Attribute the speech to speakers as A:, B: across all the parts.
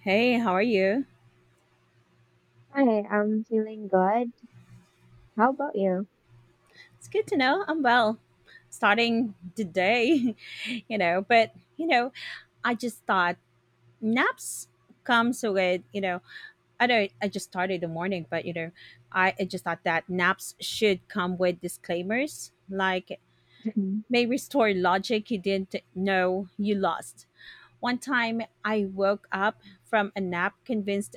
A: Hey, how are you?
B: Hi, I'm feeling good. How about you?
A: It's good to know. I'm well. Starting the day, you know, but you know, I just thought naps comes with, I know I just started the morning, I just thought that naps should come with disclaimers like
B: Mhm.
A: may restore logic you didn't know you lost. One time I woke up from a nap convinced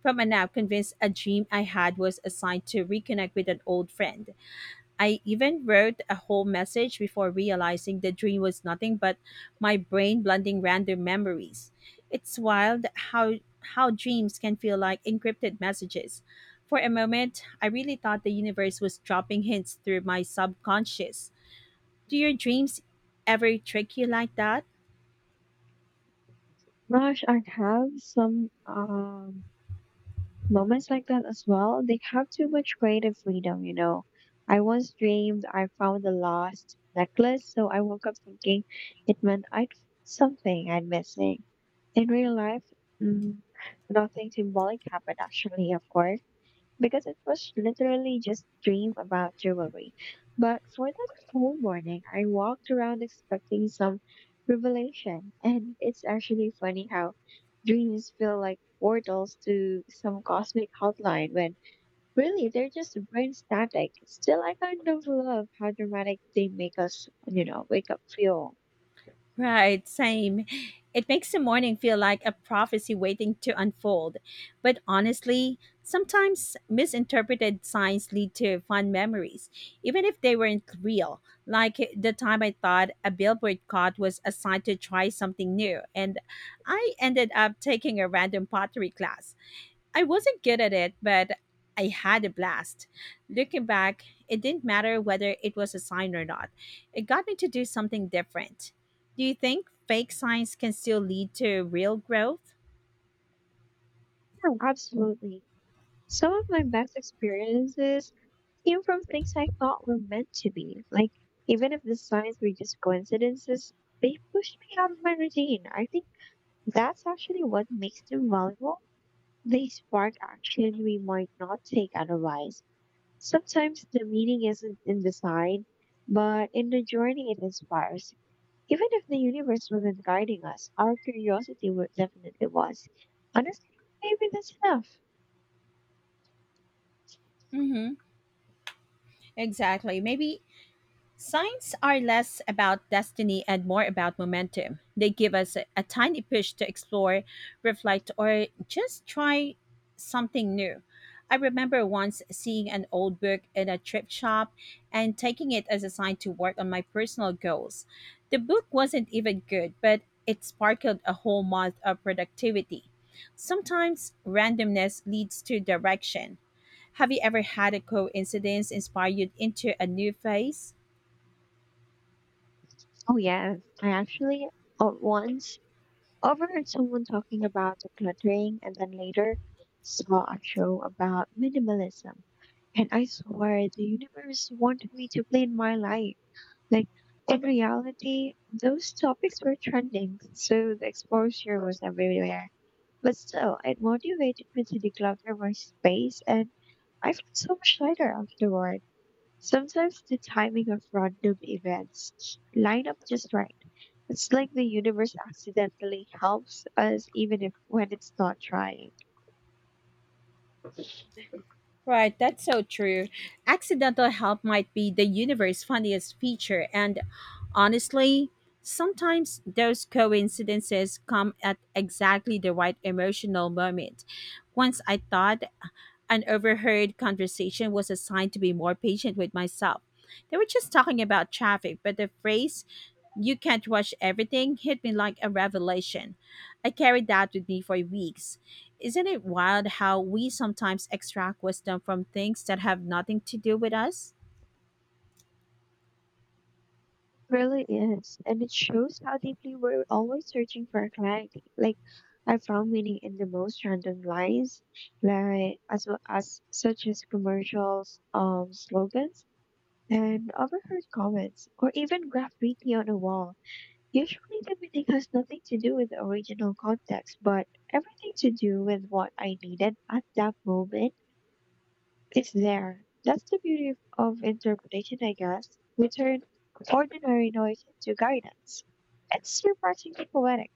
A: from a nap convinced a dream I had was assigned to reconnect with an old friend. I even wrote a whole message before realizing the dream was nothing but my brain blending random memories. It's wild how how dreams can feel like encrypted messages. For a moment, I really thought the universe was dropping hints through my subconscious. Do your dreams ever trick you like that?
B: Gosh, I have some moments like that as well. They have too much creative freedom, you know. I once dreamed I found a lost necklace, so I woke up thinking it meant I'd something I'd missing. In real life, mm, nothing symbolic happened actually, of course, because it was literally just dream about jewelry. But for that whole morning, I walked around expecting some revelation. And it's actually funny how dreams feel like portals to some cosmic outline when really they're just brain static. Still, I kind of love how dramatic they make us, you know, wake up feel.
A: Right, same. It makes the morning feel like a prophecy waiting to unfold. But honestly, sometimes misinterpreted signs lead to fun memories, even if they weren't real. Like the time I thought a billboard card was a sign to try something new, and I ended up taking a random pottery class. I wasn't good at it, but I had a blast. Looking back, it didn't matter whether it was a sign or not. It got me to do something different. Do you think fake signs can still lead to real growth?
B: Yeah, absolutely. Some of my best experiences came from things I thought were meant to be. Like, even if the signs were just coincidences, they pushed me out of my routine. I think that's actually what makes them valuable. They spark action we might not take otherwise. Sometimes the meaning isn't in the sign, but in the journey it inspires. Even if the universe wasn't guiding us, our curiosity would definitely was. Honestly, maybe that's enough.
A: Mm-hmm. Exactly. Maybe signs are less about destiny and more about momentum. They give us a tiny push to explore, reflect, or just try something new. I remember once seeing an old book in a thrift shop and taking it as a sign to work on my personal goals. The book wasn't even good, but it sparkled a whole month of productivity. Sometimes randomness leads to direction. Have you ever had a coincidence inspire you into a new phase?
B: Oh yeah, I actually once overheard someone talking about decluttering and then later saw a show about minimalism. And I swear the universe wanted me to play my life. Like, in reality, those topics were trending, so the exposure was everywhere. But still, it motivated me to declutter my space, and I felt so much lighter afterward. Sometimes the timing of random events line up just right. It's like the universe accidentally helps us even if when it's not trying. It
A: Right, that's so true. Accidental help might be the universe's funniest feature, and honestly, sometimes those coincidences come at exactly the right emotional moment. Once I thought an overheard conversation was a sign to be more patient with myself. They were just talking about traffic, but the phrase, you can't watch everything, hit me like a revelation. I carried that with me for weeks. Isn't it wild how we sometimes extract wisdom from things that have nothing to do with us?
B: really is. And it shows how deeply we're always searching for clarity. Like, I found meaning in the most random lines, like as well as such as commercials, slogans, and overheard comments, or even graffiti on a wall. Usually the meaning has nothing to do with the original context, but everything to do with what I needed at that moment. It's there. That's the beauty of interpretation, I guess. We turn ordinary noise into guidance. It's surprisingly poetic.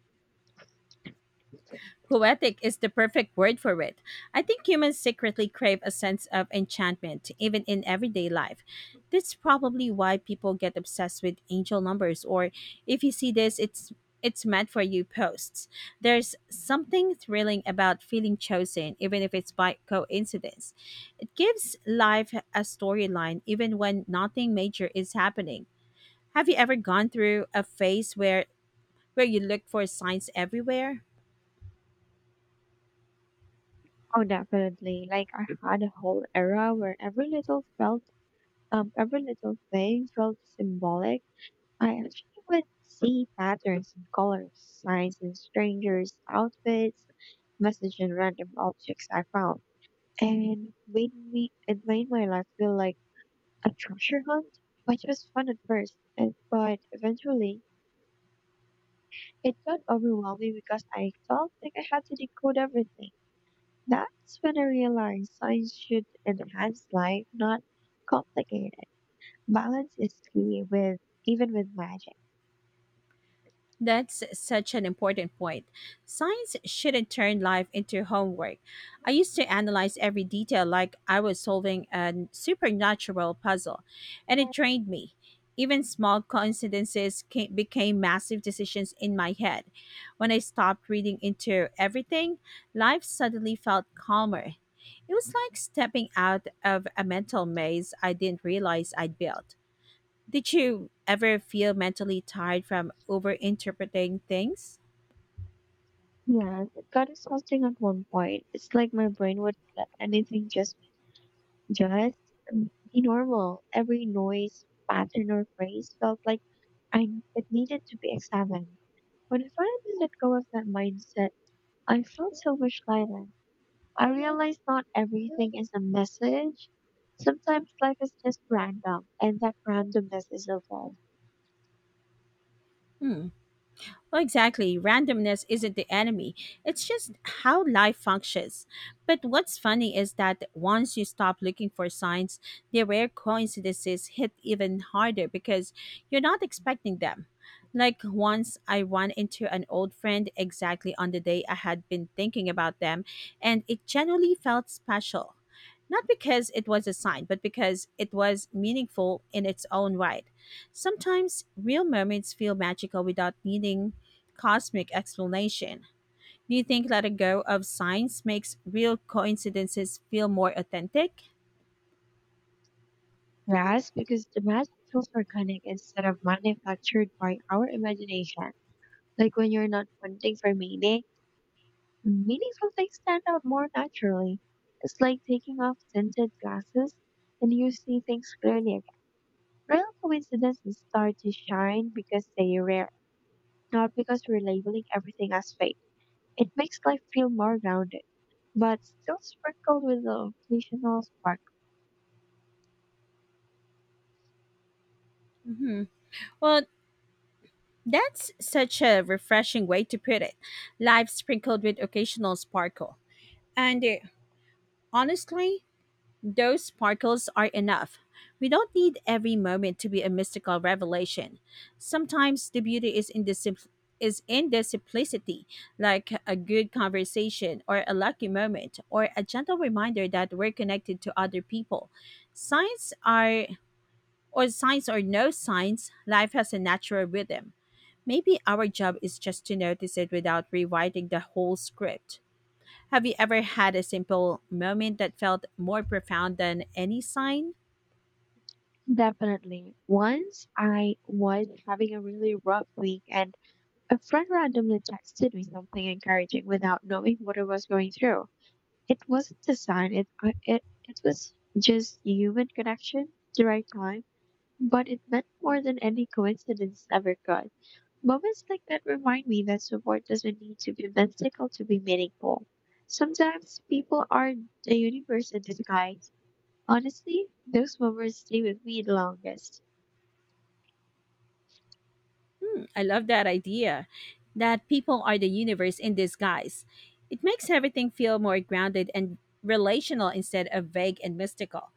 A: Poetic is the perfect word for it. I think humans secretly crave a sense of enchantment, even in everyday life. That's probably why people get obsessed with angel numbers or if you see this, it's meant for you posts. There's something thrilling about feeling chosen, even if it's by coincidence. It gives life a storyline even when nothing major is happening. Have you ever gone through a phase where you look for signs everywhere?
B: Oh, definitely. Like, I had a whole era where every little thing felt symbolic. I actually would see patterns in colors, signs in strangers' outfits, messages in random objects I found, and made me. It made my life feel like a treasure hunt, which was fun at first, but eventually it got overwhelming because I felt like I had to decode everything. That's when I realized science should enhance life, not complicate it. Balance is key with, even with magic.
A: That's such an important point. Science shouldn't turn life into homework. I used to analyze every detail like I was solving a supernatural puzzle, and it drained me. Even small coincidences became massive decisions in my head. When I stopped reading into everything, life suddenly felt calmer. It was like stepping out of a mental maze I didn't realize I'd built. Did you ever feel mentally tired from overinterpreting things?
B: Yeah, it got exhausting at one point. It's like my brain would let anything just be normal. Every noise, pattern, or phrase felt like I it needed to be examined. When I finally let go of that mindset, I felt so much lighter. I realized not everything is a message. Sometimes life is just random, and that randomness is okay.
A: Hmm. Well, exactly. Randomness isn't the enemy, it's just how life functions. But what's funny is that once you stop looking for signs, the rare coincidences hit even harder because you're not expecting them. Like once I ran into an old friend exactly on the day I had been thinking about them, and it genuinely felt special. Not because it was a sign, but because it was meaningful in its own right. Sometimes real moments feel magical without needing cosmic explanation. Do you think letting go of science makes real coincidences feel more authentic?
B: Yes, because the magic feels organic instead of manufactured by our imagination. Like when you're not hunting for meaning, meaningful things stand out more naturally. It's like taking off tinted glasses and you see things clearly again. Real coincidences start to shine because they're rare, not because we're labeling everything as fate. It makes life feel more grounded, but still sprinkled with the occasional spark.
A: hmm Well, that's such a refreshing way to put it. Life sprinkled with occasional sparkle. And honestly, those sparkles are enough. We don't need every moment to be a mystical revelation. Sometimes the beauty is in the is in the simplicity, like a good conversation or a lucky moment or a gentle reminder that we're connected to other people. Signs are or signs or no signs, life has a natural rhythm. Maybe our job is just to notice it without rewriting the whole script. Have you ever had a simple moment that felt more profound than any sign?
B: Definitely. Once I was having a really rough week, and a friend randomly texted me something encouraging without knowing what I was going through. It wasn't a sign. It I- it was just human connection, the right time, but it meant more than any coincidence ever could. Moments like that remind me that support doesn't need to be mystical to be meaningful. Sometimes people are the universe in disguise. Honestly, those moments stay with me the longest.
A: Hmm, I love that idea that people are the universe in disguise. It makes everything feel more grounded and relational instead of vague and mystical.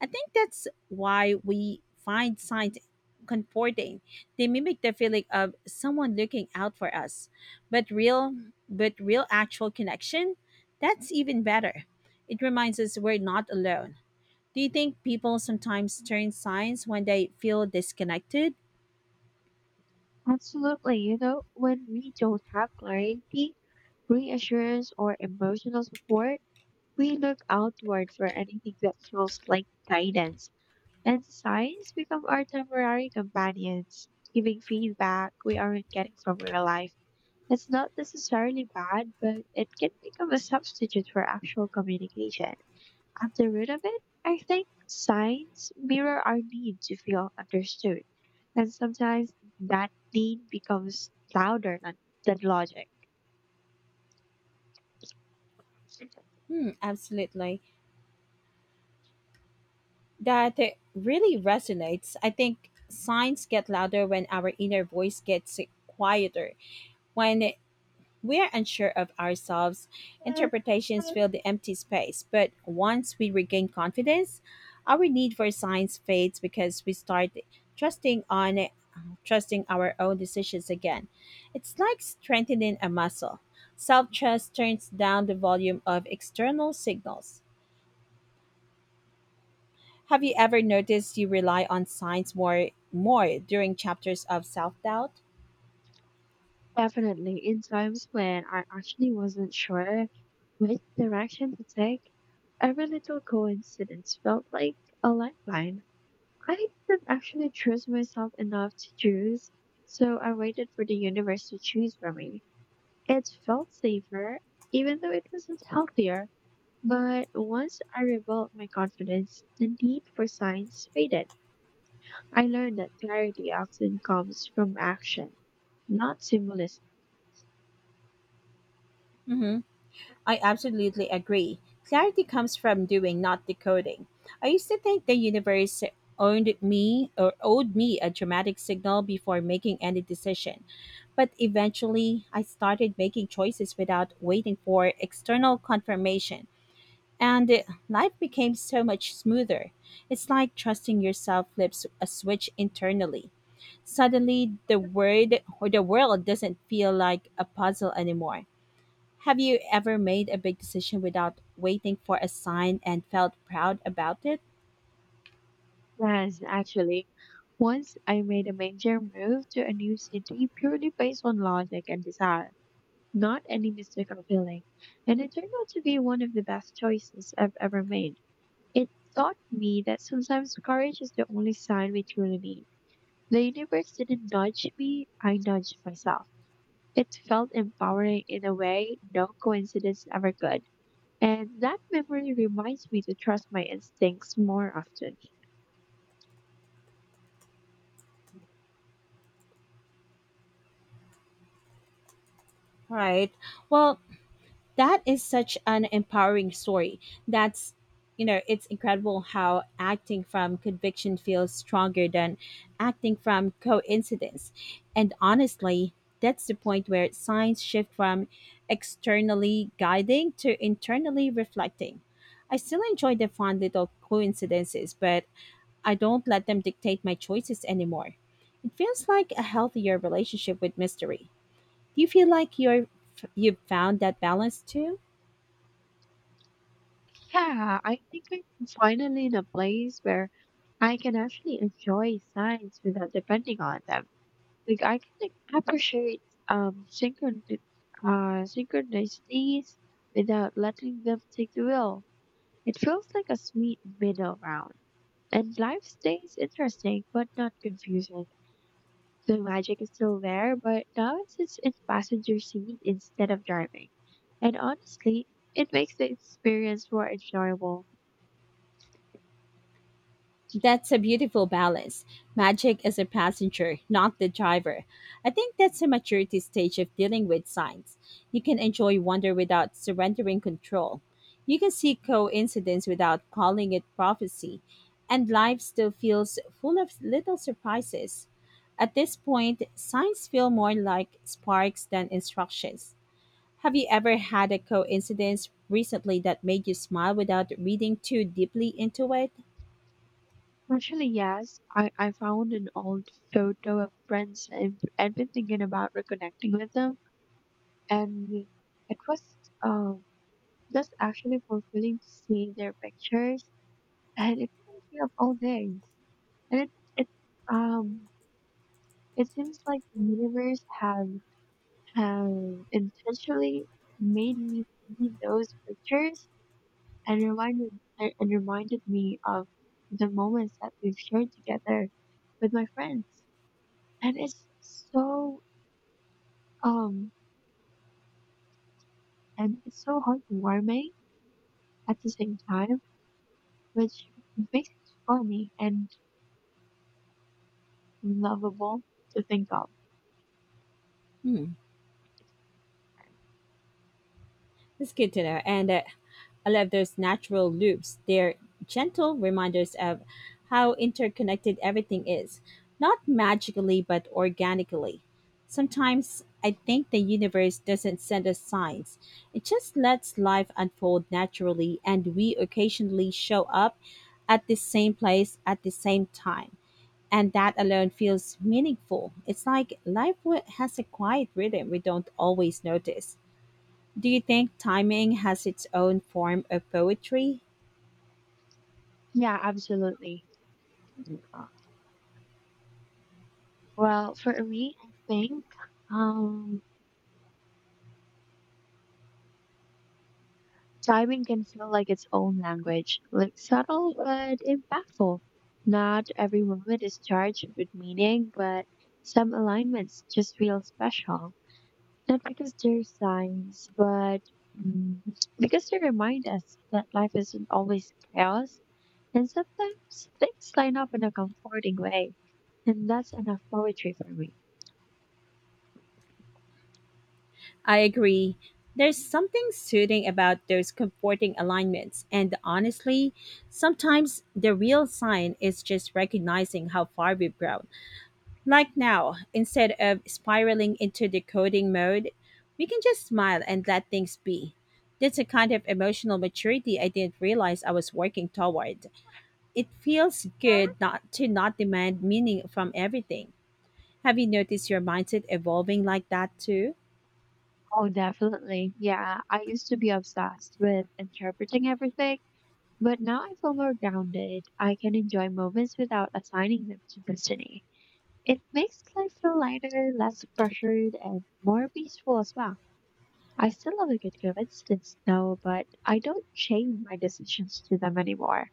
A: I think that's why we find signs comforting. They mimic the feeling of someone looking out for us. But real but real actual connection, that's even better. It reminds us we're not alone. Do you think people sometimes turn signs when they feel disconnected?
B: Absolutely, you know, when we don't have clarity, reassurance, or emotional support, we look outward for anything that feels like guidance. And signs become our temporary companions, giving feedback we aren't getting from real life. It's not necessarily bad, but it can become a substitute for actual communication. At the root of it, I think signs mirror our need to feel understood. And sometimes that need becomes louder than logic.
A: Hmm, absolutely. That really resonates. I think signs get louder when our inner voice gets quieter, when we are unsure of ourselves. Interpretations fill the empty space, but once we regain confidence, our need for science fades because we start trusting on trusting our own decisions again. It's like strengthening a muscle. Self-trust turns down the volume of external signals. Have you ever noticed you rely on science more during chapters of self-doubt?
B: Definitely, in times when I actually wasn't sure which direction to take, every little coincidence felt like a lifeline. I didn't actually trust myself enough to choose, so I waited for the universe to choose for me. It felt safer, even though it wasn't healthier. But once I rebuilt my confidence, the need for signs faded. I learned that clarity often comes from action, not symbolism.
A: Mhm. I absolutely agree. Clarity comes from doing, not decoding. I used to think the universe owned me or owed me a dramatic signal before making any decision. But eventually, I started making choices without waiting for external confirmation. And life became so much smoother. It's like trusting yourself flips a switch internally. Suddenly, the word or the world doesn't feel like a puzzle anymore. Have you ever made a big decision without waiting for a sign and felt proud about it?
B: Yes, actually, once I made a major move to a new city purely based on logic and desire, not any mystical feeling. And it turned out to be one of the best choices I've ever made. It taught me that sometimes courage is the only sign we truly need. The universe didn't nudge me, I nudged myself. It felt empowering in a way no coincidence ever could. And that memory reminds me to trust my instincts more often.
A: Right. Well, that is such an empowering story. That's, you know, it's incredible how acting from conviction feels stronger than acting from coincidence. And honestly, that's the point where signs shift from externally guiding to internally reflecting. I still enjoy the fun little coincidences, but I don't let them dictate my choices anymore. It feels like a healthier relationship with mystery. Do you feel like you've found that balance too?
B: Yeah, I think I'm finally in a place where I can actually enjoy signs without depending on them. Like, I can like appreciate um synchron synchronicities without letting them take the wheel. It feels like a sweet middle ground. And life stays interesting but not confusing. The magic is still there, but now it sits in passenger seat instead of driving. And honestly, it makes the experience more enjoyable.
A: That's a beautiful balance. Magic is a passenger, not the driver. I think that's a maturity stage of dealing with signs. You can enjoy wonder without surrendering control. You can see coincidence without calling it prophecy, and life still feels full of little surprises. At this point, signs feel more like sparks than instructions. Have you ever had a coincidence recently that made you smile without reading too deeply into it?
B: Actually, yes, I found an old photo of friends and I've been thinking about reconnecting with them, and it was um just actually fulfilling to see their pictures, and it reminds me of old days, and it um it seems like the universe have intentionally made me see those pictures and reminded and reminded me of the moments that we've shared together with my friends, and it's so um and it's so heartwarming at the same time, which makes it funny and lovable to think of.
A: Hmm. It's good to know. And I love those natural loops. They're gentle reminders of how interconnected everything is, not magically, but organically. Sometimes I think the universe doesn't send us signs, it just lets life unfold naturally, and we occasionally show up at the same place at the same time. And that alone feels meaningful. It's like life has a quiet rhythm we don't always notice. Do you think timing has its own form of poetry?
B: Yeah, absolutely. Well, for me, I think um, diving can feel like its own language, like subtle but impactful. Not every moment is charged with meaning, but some alignments just feel special. Not because they're signs, but mm, because they remind us that life isn't always chaos. And sometimes things line up in a comforting way. And that's enough poetry for me.
A: I agree. There's something soothing about those comforting alignments, and honestly, sometimes the real sign is just recognizing how far we've grown. Like now, instead of spiraling into the coding mode, we can just smile and let things be. That's a kind of emotional maturity I didn't realize I was working toward. It feels good not demand meaning from everything. Have you noticed your mindset evolving like that too?
B: Oh, definitely. Yeah, I used to be obsessed with interpreting everything, but now I feel more grounded. I can enjoy moments without assigning them to destiny. It makes life feel lighter, less pressured, and more peaceful as well. I still love a good coincidence, though, but I don't chain my decisions to them anymore.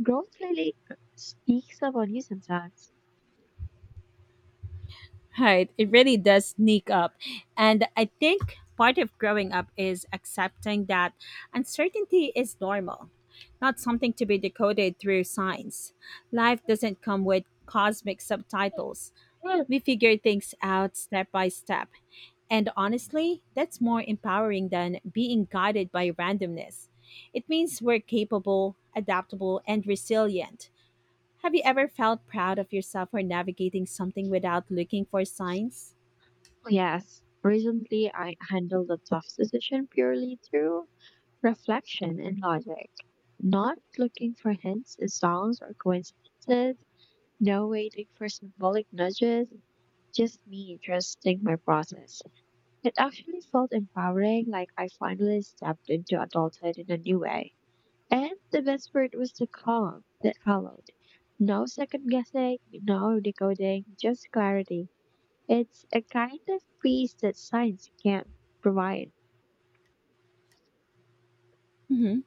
B: Growth really speaks of you sometimes.
A: Right, it really does sneak up. And I think part of growing up is accepting that uncertainty is normal, not something to be decoded through science. Life doesn't come with cosmic subtitles. We figure things out step by step. And honestly, that's more empowering than being guided by randomness. It means we're capable, adaptable, and resilient. Have you ever felt proud of yourself for navigating something without looking for signs?
B: Yes, recently I handled a tough decision purely through reflection and logic. Not looking for hints, songs, or coincidences, no waiting for symbolic nudges, just me trusting my process. It actually felt empowering, like I finally stepped into adulthood in a new way. And the best part was the calm that followed. No second guessing, no decoding, just clarity. It's a kind of peace that science can't provide.
A: hmm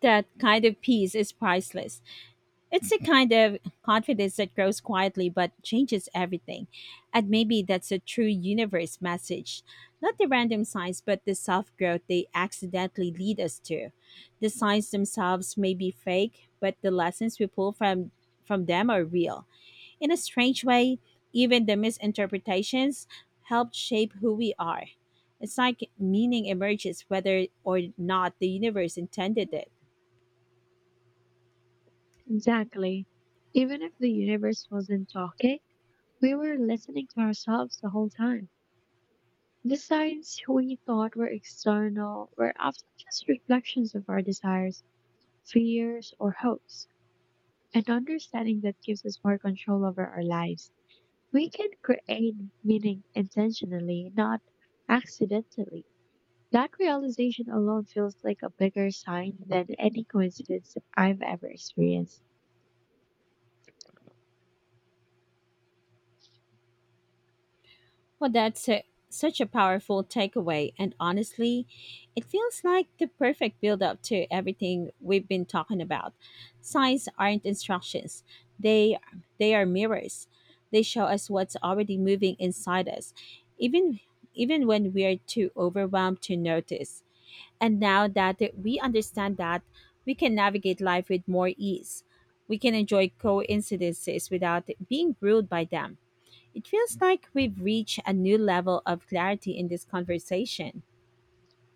A: That kind of peace is priceless. It's the kind of confidence that grows quietly but changes everything. And maybe that's a true universe message. Not the random signs, but the self growth they accidentally lead us to. The signs themselves may be fake, but the lessons we from them are real. In a strange way, even the misinterpretations help shape who we are. It's like meaning emerges whether or not the universe intended it.
B: Exactly. Even if the universe wasn't talking, we were listening to ourselves the whole time. The signs we thought were external were often just reflections of our desires, fears, or hopes. And understanding that gives us more control over our lives. We can create meaning intentionally, not accidentally. That realization alone feels like a bigger sign than any coincidence I've ever experienced.
A: Well, such a powerful takeaway, and honestly, it feels like the perfect build up to everything we've been talking about. Signs aren't instructions, they, they are mirrors. They show us what's already moving inside us, even, even when we're too overwhelmed to notice. And now that we understand that, we can navigate life with more ease. We can enjoy coincidences without being ruled by them. It feels like we've reached a new level of clarity in this conversation.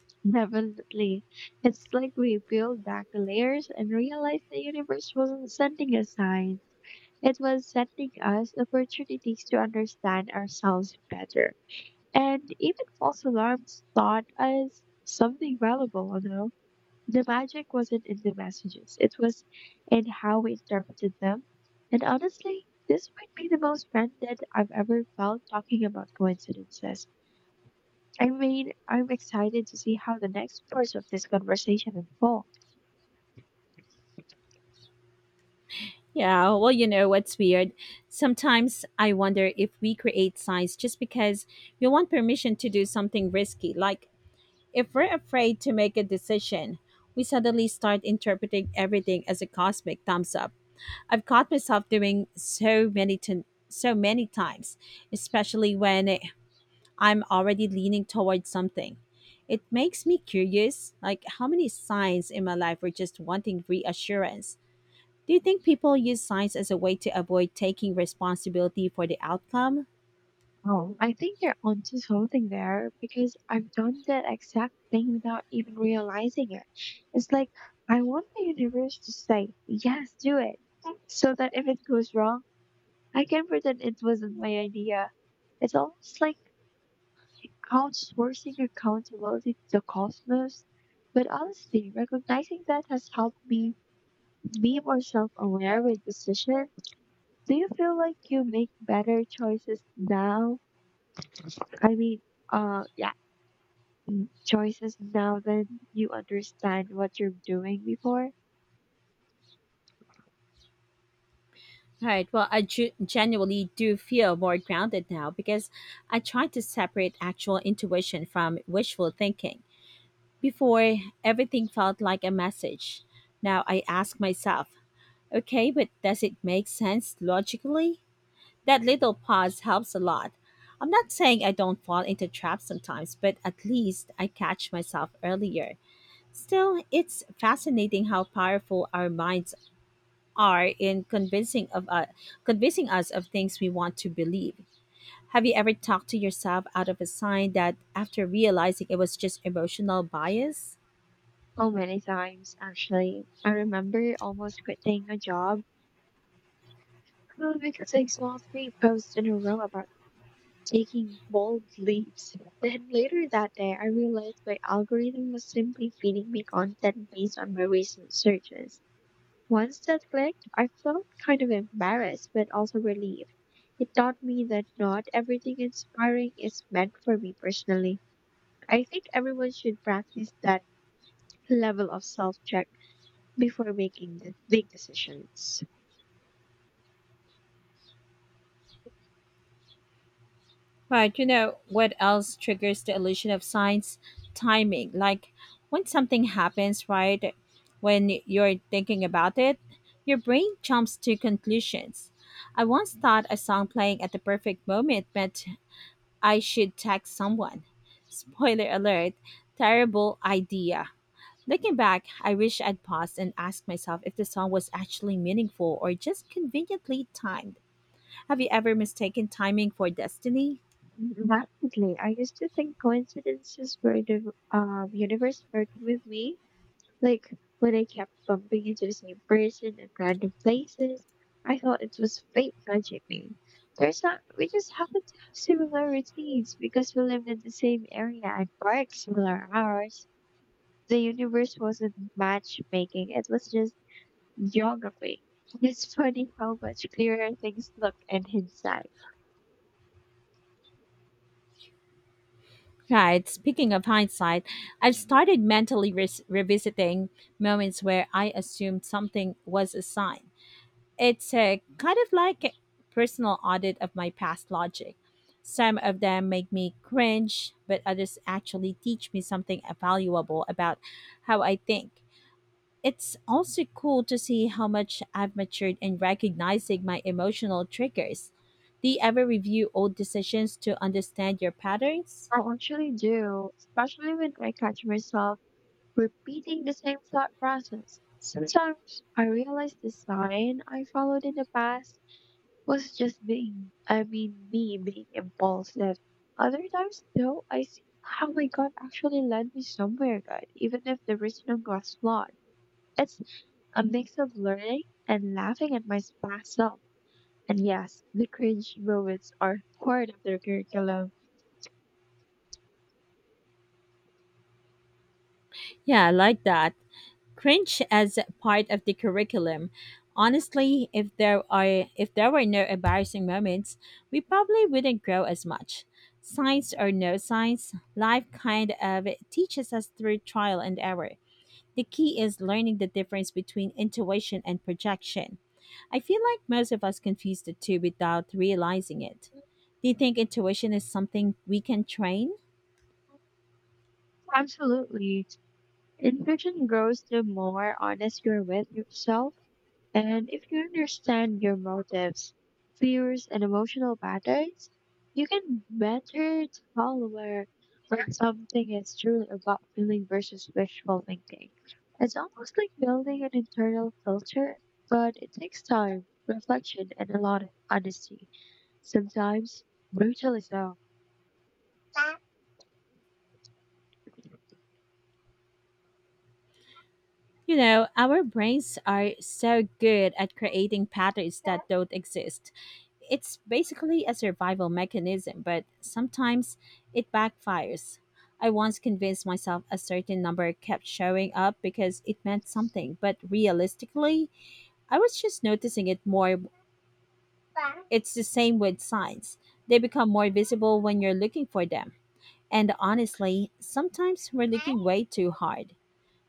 B: Definitely. It's like we peeled back the layers and realized the universe wasn't sending us signs. It was sending us opportunities to understand ourselves better. And even false alarms taught us something valuable, you know? The magic wasn't in the messages, it was in how we interpreted them. And honestly, this might be the most grounded I've ever felt talking about coincidences. I mean, I'm excited to see how the next parts of this conversation unfold.
A: Yeah, well, you know what's weird? Sometimes I wonder if we create signs just because we want permission to do something risky. Like, if we're afraid to make a decision, we suddenly start interpreting everything as a cosmic thumbs up. I've caught myself doing so many times, especially I'm already leaning towards something. It makes me curious, like how many signs in my life were just wanting reassurance. Do you think people use signs as a way to avoid taking responsibility for the outcome?
B: Oh, I think you're onto something there because I've done that exact thing without even realizing it. It's like I want the universe to say, yes, do it. So that if it goes wrong, I can pretend it wasn't my idea. It's almost like outsourcing accountability to the cosmos. But honestly, recognizing that has helped me be more self aware with decisions. Do you feel like you make better choices now? I mean, yeah, choices now that you understand what you're doing before?
A: Right. Well, genuinely do feel more grounded now because I try to separate actual intuition from wishful thinking. Before, everything felt like a message. Now I ask myself, okay, but does it make sense logically? That little pause helps a lot. I'm not saying I don't fall into traps sometimes, but at least I catch myself earlier. Still, it's fascinating how powerful our minds are in convincing us of things we want to believe. Have you ever talked to yourself out of a sign that after realizing it was just emotional bias?
B: Oh, many times, actually. I remember almost quitting a job because I saw three posts in a row about taking bold leaps. Then later that day, I realized my algorithm was simply feeding me content based on my recent searches. Once that clicked, I felt kind of embarrassed but also relieved. It taught me that not everything inspiring is meant for me personally. I think everyone should practice that level of self check before making the big decisions.
A: Right, you know what else triggers the illusion of signs? Timing. Like when something happens, right, when you're thinking about it, your brain jumps to conclusions. I once thought a song playing at the perfect moment meant I should text someone. Spoiler alert, terrible idea. Looking back, I wish I'd paused and asked myself if the song was actually meaningful or just conveniently timed. Have you ever mistaken timing for destiny?
B: Definitely. I used to think coincidences were the universe working with me. Like when I kept bumping into the same person in random places, I thought it was fate nudging me. There's not, we just happen to have similar routines because we lived in the same area and worked similar hours. The universe wasn't matchmaking, it was just geography. It's funny how much clearer things look in hindsight.
A: Right. Speaking of hindsight, I've started mentally revisiting moments where I assumed something was a sign. It's a kind of like a personal audit of my past logic. Some of them make me cringe, but others actually teach me something valuable about how I think. It's also cool to see how much I've matured in recognizing my emotional triggers. Do you ever review old decisions to understand your patterns?
B: I actually do, especially when I catch myself repeating the same thought process. Sometimes I realize the sign I followed in the past was just being, I mean, me being impulsive. Other times, though, I see how my gut actually led me somewhere good, even if the reasoning was flawed. It's a mix of learning and laughing at my past self. And yes, the cringe moments are part of their curriculum.
A: Yeah, I like that. Cringe as part of the curriculum. Honestly, if there were no embarrassing moments, we probably wouldn't grow as much. Science or no science, life kind of teaches us through trial and error. The key is learning the difference between intuition and projection. I feel like most of us confuse the two without realizing it. Do you think intuition is something we can train?
B: Absolutely. And fiction grows the more honest you're with yourself. And if you understand your motives, fears, and emotional patterns, you can better tell where something is truly about feeling versus wishful thinking. It's almost like building an internal filter, but it takes time, reflection, and a lot of honesty, sometimes brutally so.
A: You know, our brains are so good at creating patterns that don't exist. It's basically a survival mechanism, but sometimes it backfires. I once convinced myself a certain number kept showing up because it meant something, but realistically, I was just noticing it more. It's the same with signs. They become more visible when you're looking for them. And honestly, sometimes we're looking way too hard.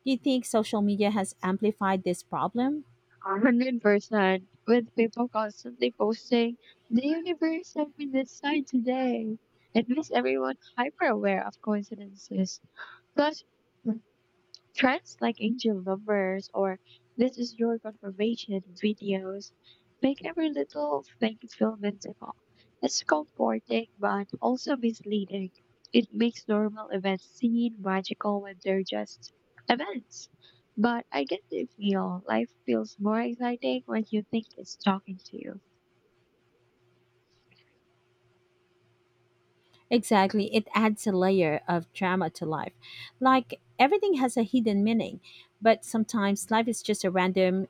A: Do you think social media has amplified this problem?
B: 100% with people constantly posting, the universe sent me this sign today. It makes everyone hyper aware of coincidences. Plus, trends like angel numbers or this is your confirmation videos make every little thing feel whimsical. It's comforting but also misleading. It makes normal events seem magical when they're just events. But I get the feel life feels more exciting when you think it's talking to you.
A: Exactly, it adds a layer of drama to life. Like everything has a hidden meaning, but sometimes life is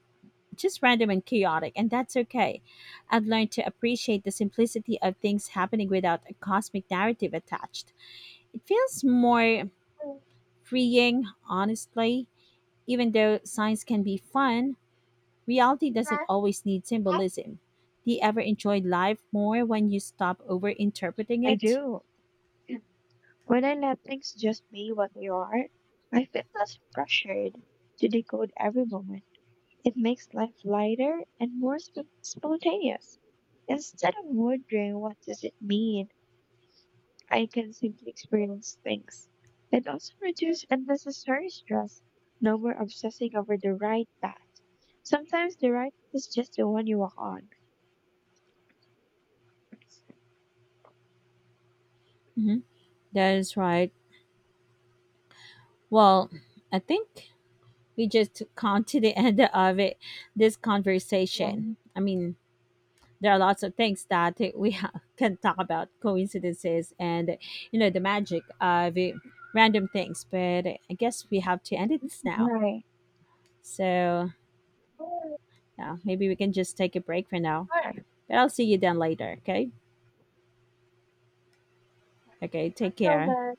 A: just random and chaotic, and that's okay. I've learned to appreciate the simplicity of things happening without a cosmic narrative attached. It feels more freeing, honestly. Even though science can be fun, reality doesn't always need symbolism. Do you ever enjoy life more when you stop overinterpreting
B: I
A: it?
B: do. When I let things just be what they are, I feel less pressured to decode every moment. It makes life lighter and more spontaneous. Instead of wondering what does it mean, I can simply experience things. It also reduces unnecessary stress, no more obsessing over the right path. Sometimes the right is just the one you walk on.
A: Mhm. That is right. Well, I think we just come to the end of it, this
B: Yeah,
A: conversation. I mean, there are lots of things that we can talk about coincidences and, you know, the magic of it, random things, but I guess we have to end it now.
B: right.
A: So,
B: Sure.
A: yeah, maybe we can just take a break for now. But I'll see you then later, okay? Okay, take
B: Until
A: care.
B: then.